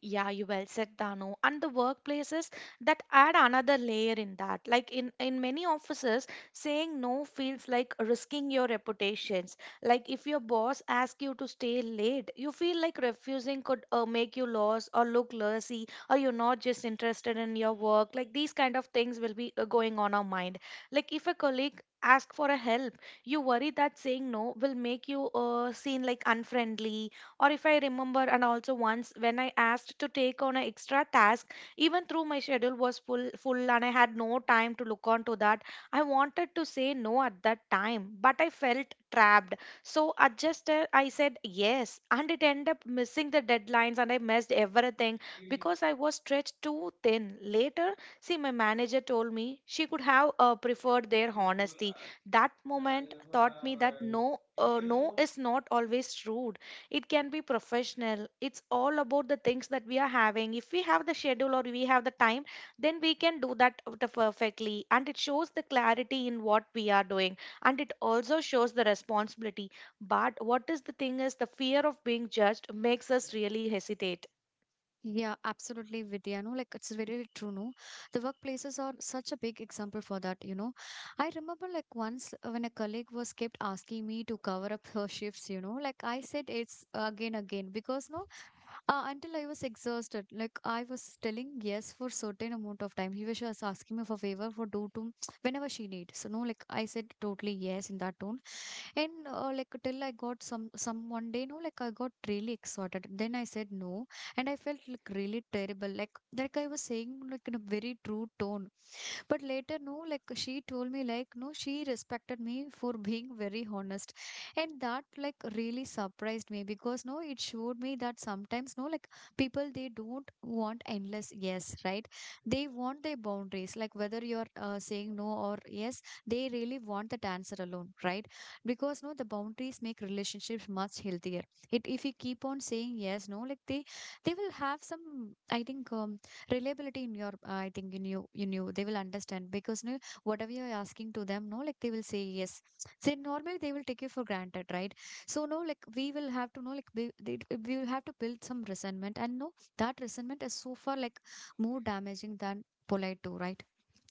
Yeah, you well said, Dano. And the workplaces that add another layer in that. Like in many offices, saying no feels like risking your reputations. Like if your boss asks you to stay late, you feel like refusing could make you lost or look lazy, or you're not just interested in your work. Like these kind of things will be going on our mind. Like if a colleague asks for a help, you worry that saying no will make you seen like unfriendly. Or if I remember, and also once when I asked to take on an extra task, even through my schedule was full, and I had no time to look on to that. I wanted to say no at that time, but I felt trapped. So I just I said yes, and it ended up missing the deadlines, and I missed everything because I was stretched too thin. Later, see, my manager told me she could have preferred their honesty. That moment taught me that no is not always rude. It can be professional. It's all about the things that we are having. If we have the schedule or we have the time, then we can do that with the perfectly, and it shows the clarity in what we are doing, and it also shows the responsibility. But what is the thing is the fear of being judged makes us really hesitate. Yeah, absolutely, Vidya. No, like it's very true. No, the workplaces are such a big example for that. You know, I remember like once when a colleague was kept asking me to cover up her shifts. You know, like I said, it's again, again because no, until I was exhausted. Like I was telling yes for certain amount of time. He was just asking me for favor for do to whenever she needs. So no, like I said totally yes in that tone. And like till I got some one day, no, like I got really excited. Then I said no, and I felt like really terrible. Like I was saying like in a very true tone. But later, no, like she told me, like, no, she respected me for being very honest. And that, like, really surprised me because, no, it showed me that sometimes, no, like, people, they don't want endless yes, right? They want their boundaries, like, whether you're saying no or yes, they really want that answer alone, right? Because, no, the boundaries make relationships much healthier. If you keep on saying yes, no, like, they will have some, I think, reliability in your I think in you they will understand because no, whatever you're asking to them no like they will say yes so normally they will take you for granted right so no like we will have to know like we will have to build some resentment and no that resentment is so far like more damaging than polite too right.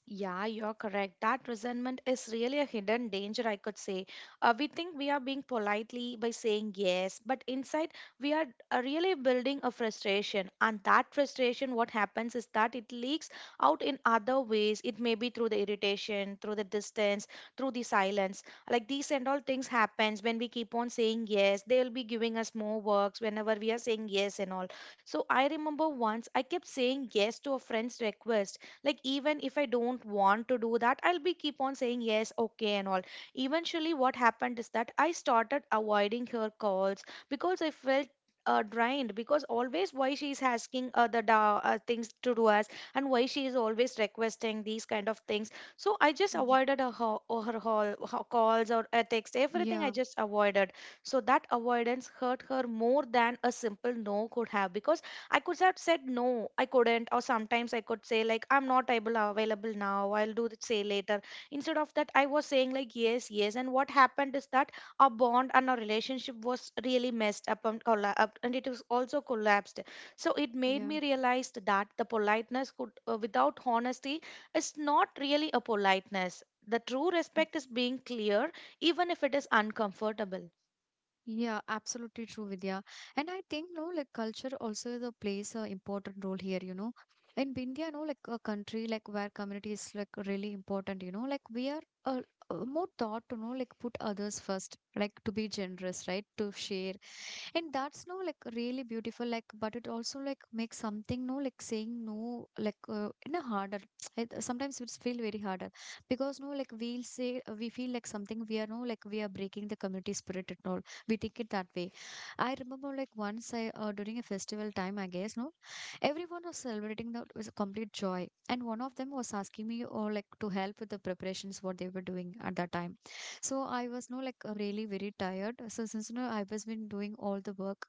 Yeah, you're correct. That resentment is really a hidden danger, I could say. We think we are being politely by saying yes, but inside we are really building a frustration. And that frustration, what happens is that it leaks out in other ways. It may be through the irritation, through the distance, through the silence. Like these and all things happens when we keep on saying yes. They will be giving us more works whenever we are saying yes and all. So I remember once I kept saying yes to a friend's request, like even if I don't want to do that, I'll be keep on saying yes, okay and all. Eventually what happened is that I started avoiding her calls because I felt drained, because always why she's asking things to do us, and why she is always requesting these kind of things. So I just Y- avoided her, ho- or her, hall, her calls or a text, everything I Yeah, just avoided. So that avoidance hurt her more than a simple no could have, because I could have said no, I couldn't, or sometimes I could say like I'm not able available now, I'll do it say later. Instead of that, I was saying like yes. And what happened is that our bond and our relationship was really messed up and collapsed, and it was also collapsed. So it made yeah. me realize that the politeness could without honesty is not really a politeness. The true respect is being clear, even if it is uncomfortable. Yeah, absolutely true, Vidya. And I think, no, like culture also is plays a important role here, you know. In India, no, like a country like where community is like really important, you know, like we are more taught to know, like put others first, like to be generous, right? To share and that's no like really beautiful like but it also like makes something no like saying no like in a harder it, sometimes it's feel very harder because no like we'll say we feel like something we are no like we are breaking the community spirit and all we take it that way. I remember like once I during a festival time I guess no everyone was celebrating that was a complete joy and one of them was asking me or like to help with the preparations what they were doing at that time. So I was no like really very tired. So since you know I was been doing all the work,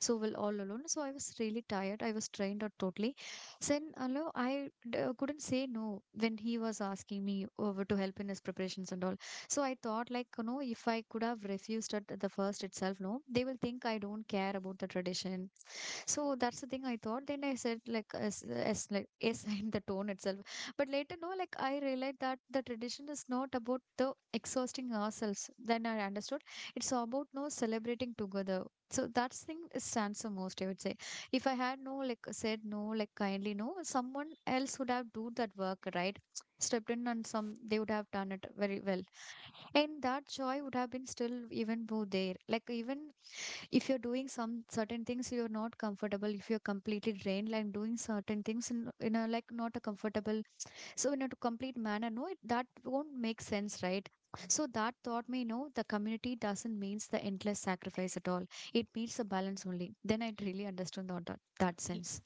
so well all alone. So I was really tired. I was drained out totally. Then no, couldn't say no when he was asking me over to help in his preparations and all. So I thought like you know if I could have refused at the first itself, no, they will think I don't care about the tradition so that's the thing I thought. Then I said like as like yes in the tone itself. But later no, like I realized that the tradition is not about the exhausting ourselves. Then I understood it's about no celebrating together. So that's thing stands the most, I would say. If I had no like said no, like kindly no, someone else would have do that work, right? Stepped in and some they would have done it very well. And that joy would have been still even more there. Like even if you're doing some certain things you're not comfortable if you're completely drained like doing certain things in a like not a comfortable so in a complete manner no that won't make sense right so that taught me no the community doesn't means the endless sacrifice at all it means the balance only then I really understood on that sense.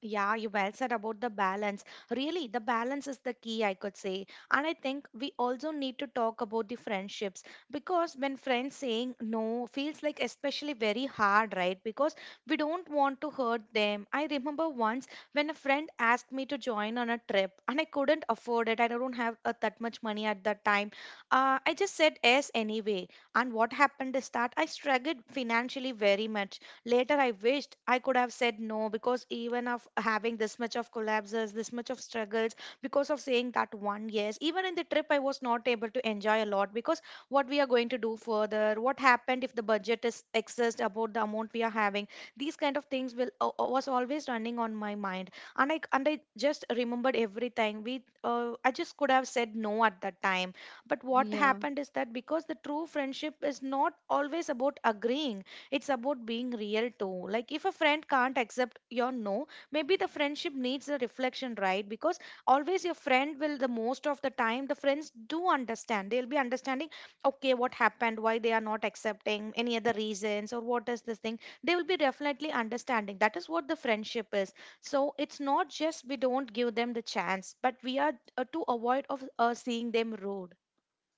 Yeah, you well said about the balance. Really, the balance is the key, I could say. And I think we also need to talk about the friendships, because when friends saying no feels like especially very hard, right? Because we don't want to hurt them. I remember once when a friend asked me to join on a trip and I couldn't afford it. I don't have that much money at that time. I just said yes anyway. And what happened is that I struggled financially very much. Later, I wished I could have said no because even of having this much of collapses, this much of struggles, because of saying that one yes, even in the trip, I was not able to enjoy a lot because what we are going to do further, what happened if the budget is excess about the amount we are having, these kind of things will was always running on my mind, and I just remembered everything. We I just could have said no at that time, but what Yeah. happened is that because the true friendship is not always about agreeing, it's about being real too. Like if a friend can't accept your no, maybe the friendship needs a reflection, right? Because always your friend will, the most of the time the friends do understand. They'll be understanding, okay, what happened, why they are not accepting, any other reasons or what is this thing. They will be definitely understanding. That is what the friendship is. So it's not just we don't give them the chance, but we are to avoid of seeing them rude.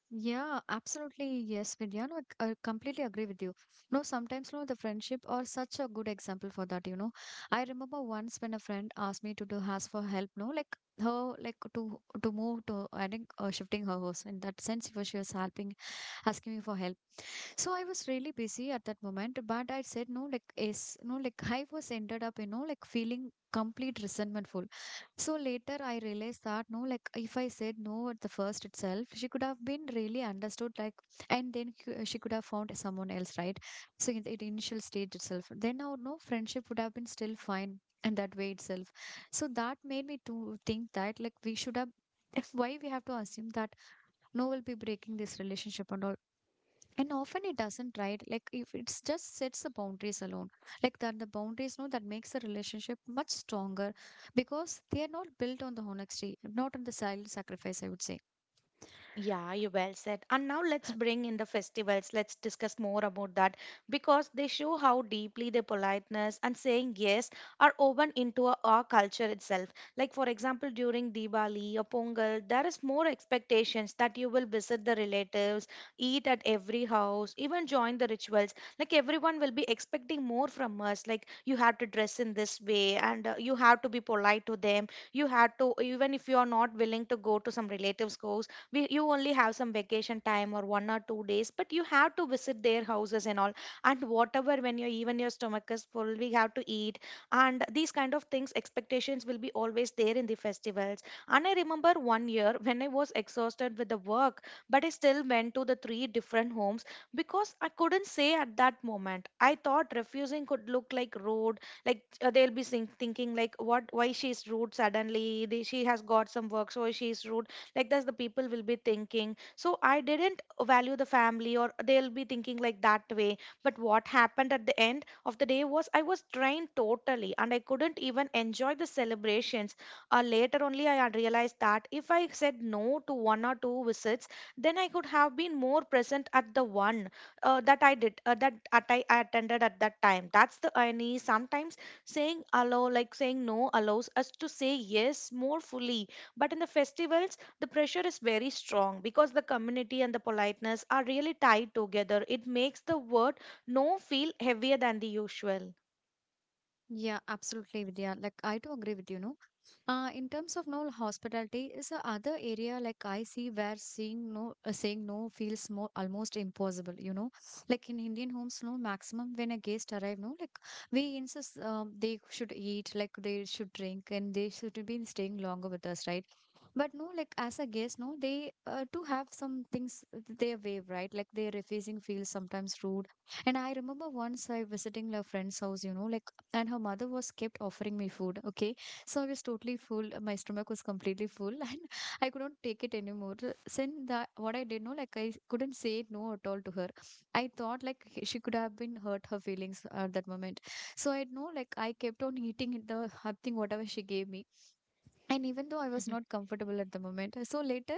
Yeah, absolutely. Yes, Vidya. No, I completely agree with you. No, sometimes no, the friendship are such a good example for that, you know. I remember once when a friend asked me to do ask for help, no, like her like to move to I think shifting her house. In that sense, she was helping asking me for help. So I was really busy at that moment, but I said no, like is no, like I was ended up, you know, like feeling complete resentful. So later I realized that no, like if I said no at the first itself, she could have been really understood, like, and then she could have found someone else, right? So in the the initial stage itself, then our no friendship would have been still fine in that way itself. So that made me to think that like we should have. Why we have to assume that no will be breaking this relationship and all and often it doesn't right like if it just sets the boundaries alone like that the boundaries know that makes the relationship much stronger because they are not built on the honesty not on the silent sacrifice I would say. Yeah, you well said. And now let's bring in the festivals. Let's discuss more about that because they show how deeply the politeness and saying yes are woven into our culture itself. Like for example, during Diwali or Pongal, there is more expectations that you will visit the relatives, eat at every house, even join the rituals. Like everyone will be expecting more from us. Like you have to dress in this way, and you have to be polite to them. You have to, even if you are not willing to go to some relatives' house, you only have some vacation time or 1 or 2 days, but you have to visit their houses and all. And whatever, when you, even your stomach is full, we have to eat. And these kind of things expectations will be always there in the festivals. And I remember 1 year when I was exhausted with the work, but I still went to the three different homes because I couldn't say at that moment. I thought refusing could look like rude. Like they'll be thinking like, what, why she's rude suddenly, she has got some work so she's rude, like that's the people will be thinking, so I didn't value the family, or they'll be thinking like that way. But what happened at the end of the day was I was drained totally and I couldn't even enjoy the celebrations. Later only I had realized that if I said no to one or two visits, then I could have been more present at the one that I did that at I attended at that time. That's the irony. Sometimes saying no allows us to say yes more fully. But in the festivals the pressure is very strong because the community and the politeness are really tied together. It makes the word no feel heavier than the usual. Yeah, absolutely, Vidya. Like I do agree with you, no? In terms of no hospitality is a other area like I see where seeing no saying no feels more almost impossible, you know. Like in Indian homes, no maximum when a guest arrive, no like we insist they should eat, like they should drink, and they should be staying longer with us, right? But no, like as a guest, no, they do have some things their way, right? Like their refusing feels sometimes rude. And I remember once I visiting a friend's house, you know, like, and her mother was kept offering me food. Okay, so I was totally full. My stomach was completely full, and I could not take it anymore. Since that what I did, no, like I couldn't say no at all to her. I thought like she could have been hurt her feelings at that moment. So I know, like I kept on eating the hot thing whatever she gave me and even though I was not comfortable at the moment so later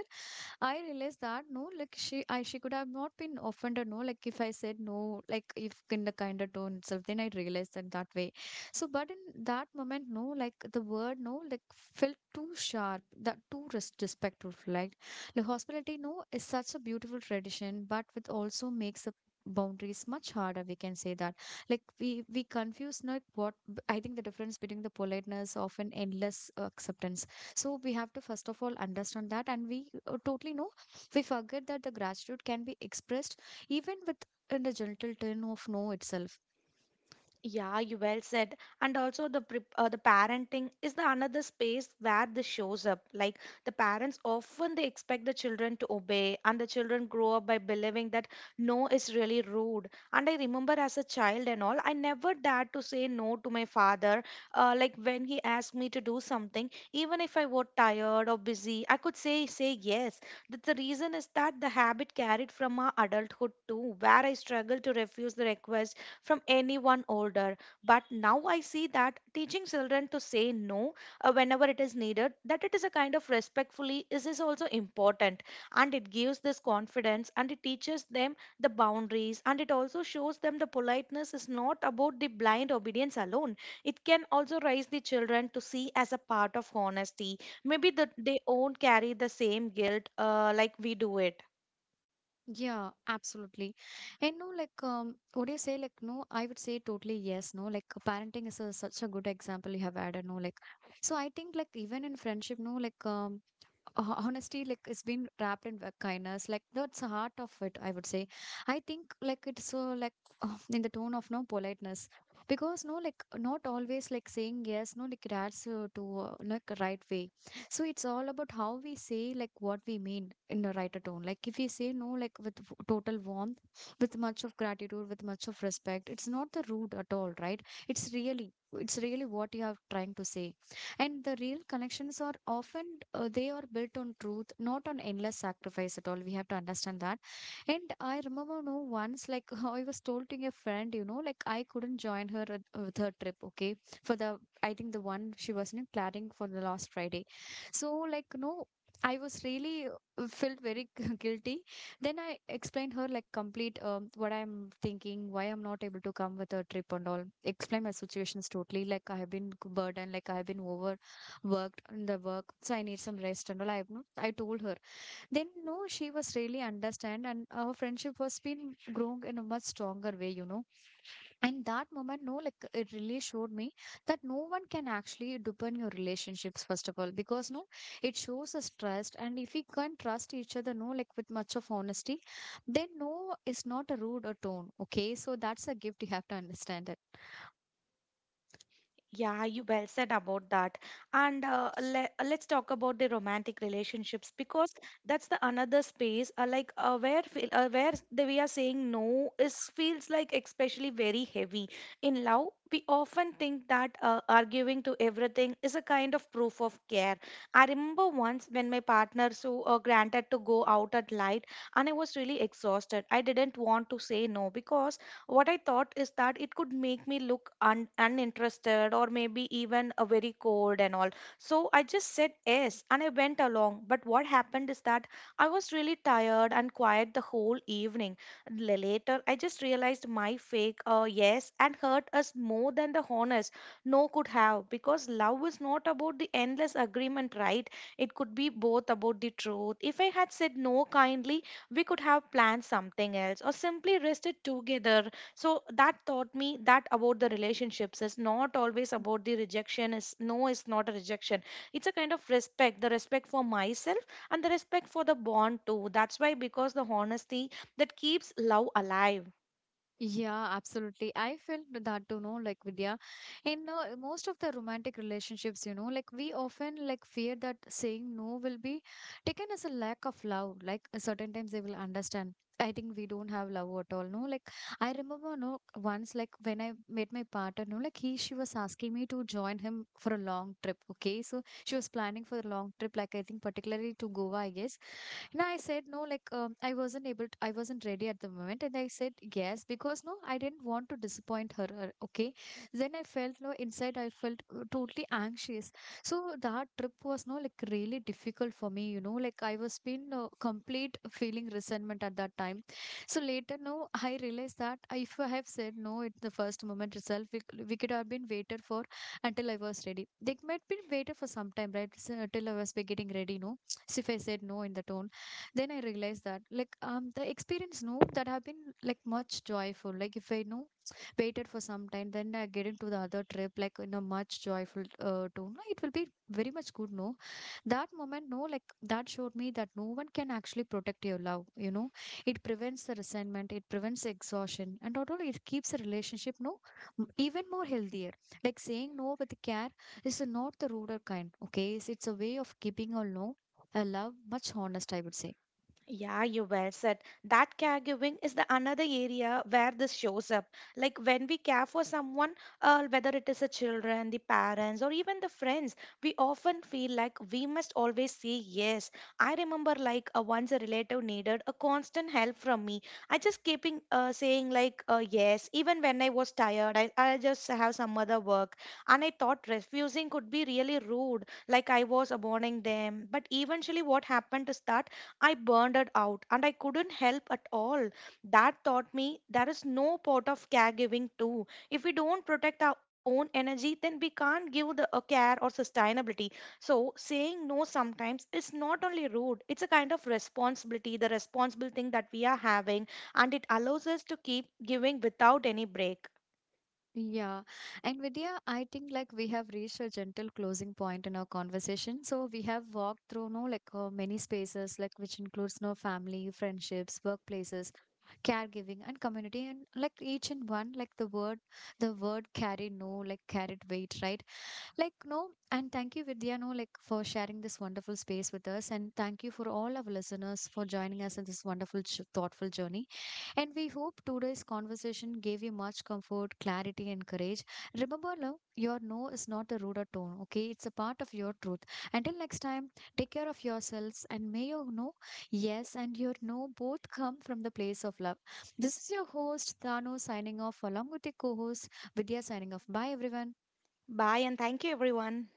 I realized that no like she could have not been offended no like if I said no like if in the kind of tone itself then I realized that that way. So but in that moment no like the word no like felt too sharp that too respectful like hospitality no is such a beautiful tradition but with also makes the boundaries much harder we can say that like we confuse not what I think the difference between the politeness of an endless acceptance so we have to first of all understand that and we totally know we forget that the gratitude can be expressed even with in the gentle tone of no itself. Yeah, you well said. And also the parenting is the another space where this shows up. Like the parents often they expect the children to obey, and the children grow up by believing that no is really rude. And I remember as a child and all, I never dared to say no to my father. Like when he asked me to do something, even if I were tired or busy, I could say yes. That the reason is that the habit carried from our adulthood too, where I struggle to refuse the request from anyone older. But now I see that teaching children to say no whenever it is needed, that it is a kind of respectfully, is also important. And it gives this confidence and it teaches them the boundaries and it also shows them the politeness is not about the blind obedience alone. It can also raise the children to see as a part of honesty. Maybe they won't carry the same guilt like we do it. Yeah, absolutely. And no, like, what do you say? Like, no, I would say totally yes. No, like, parenting is a, such a good example you have added. No, like, so I think, like, even in friendship, no, like, honesty, like, it's been wrapped in kindness. Like, that's the heart of it, I would say. I think, like, it's so, like, in the tone of no politeness. Because, no, like, not always, like, saying yes, no, like, it adds to like, right way. So it's all about how we say like what we mean in the writer tone. Like if we say no, like with total warmth, with much of gratitude, with much of respect, it's not the rude at all, right? It's really what you are trying to say, and the real connections are often they are built on truth, not on endless sacrifice at all. We have to understand that. And I remember, no, once, like, I was told to a friend, like I couldn't join her with her trip. Okay, for the, I think the one she was in planning for the last Friday. So, like, no, I was really felt very guilty. Then I explained her like complete what I'm thinking, why I'm not able to come with a trip and all. Explain my situations totally. Like I have been burdened, like I have been overworked in the work, so I need some rest and all. I have not. I told her. Then no, she was really understand, and our friendship was been growing in a much stronger way. You know, and that moment, no, like it really showed me that no one can actually depend your relationships, first of all, because no, it shows us trust. And if we can trust each other, no, like with much of honesty, then no is not a rude or tone. Okay. So that's a gift, you have to understand it. Yeah, you well said about that. And le let's talk about the romantic relationships because that's the another space where where we are saying no is feels like especially very heavy. In love, we often think that arguing to everything is a kind of proof of care. I remember once when my partner granted to go out at night and I was really exhausted. I didn't want to say no because what I thought is that it could make me look uninterested or maybe even a very cold and all. So I just said yes and I went along. But what happened is that I was really tired and quiet the whole evening. Later, I just realized my fake yes and hurt us more than the honest no could have, because love is not about the endless agreement, right? It could be both about the truth. If I had said no kindly, we could have planned something else or simply rested together. So that taught me that about the relationships is not always about the rejection. Is no, it's not a rejection, it's a kind of respect, the respect for myself and the respect for the bond too. That's why, because the honesty, that keeps love alive. Yeah, absolutely. I felt that too, no, like Vidya. In most of the romantic relationships, you know, like we often like fear that saying no will be taken as a lack of love. Like certain times they will understand. I think we don't have love at all. No, like I remember, no, once like when I met my partner, no, like he she was asking me to join him for a long trip. Okay, so she was planning for a long trip, like I think particularly to Goa, I guess. And I said, no, like, I wasn't able to, I wasn't ready at the moment. And I said, yes, because no, I didn't want to disappoint her. Okay. Then I felt, no, inside I felt totally anxious. So that trip was, no, like, really difficult for me, you know, like, I was been complete feeling resentment at that time. So later, no, I realized that if I have said no at the first moment itself, we, we could have been waited for until I was ready. They might be waited for some time, right? Until I was be getting ready, no. So if I said no in the tone, then I realized that, like, the experience, no, that have been like much joyful, like if I know waited for some time, then I get into the other trip like in a much joyful tone, no, it will be very much good, no. That moment, no, like that showed me that no one can actually protect your love, you know. It prevents the resentment, it prevents exhaustion, and not only it keeps the relationship, no, even more healthier. Like saying no with care is not the ruder kind. Okay, it's a way of keeping a no, a love much honest, I would say. Yeah, you well said. That caregiving is the another area where this shows up. Like when we care for someone, whether it is the children, the parents, or even the friends, we often feel like we must always say yes. I remember like once a relative needed a constant help from me. I just keeping saying like yes, even when I was tired. I just have some other work, and I thought refusing could be really rude, like I was abandoning them. But eventually, what happened is that I burned it out and I couldn't help at all. That taught me there is no part of caregiving too. If we don't protect our own energy, then we can't give the a care or sustainability. So saying no sometimes is not only rude, it's a kind of responsibility, the responsible thing that we are having, and it allows us to keep giving without any break. Yeah. And Vidya, I think like we have reached a gentle closing point in our conversation. So we have walked through no like many spaces like which includes no family, friendships, workplaces, caregiving and community, and like each and one like the word carry, no, like carried weight, right? Like no. And thank you, Vidya, no, like for sharing this wonderful space with us, and thank you for all our listeners for joining us in this wonderful thoughtful journey. And we hope today's conversation gave you much comfort, clarity, and courage. Remember, love, your no is not a rude tone, okay? It's a part of your truth. Until next time, take care of yourselves, and may your no, yes, and your no both come from the place of love. This is your host, Thano, signing off along with your co host, Vidya, signing off. Bye, everyone. Bye and thank you everyone.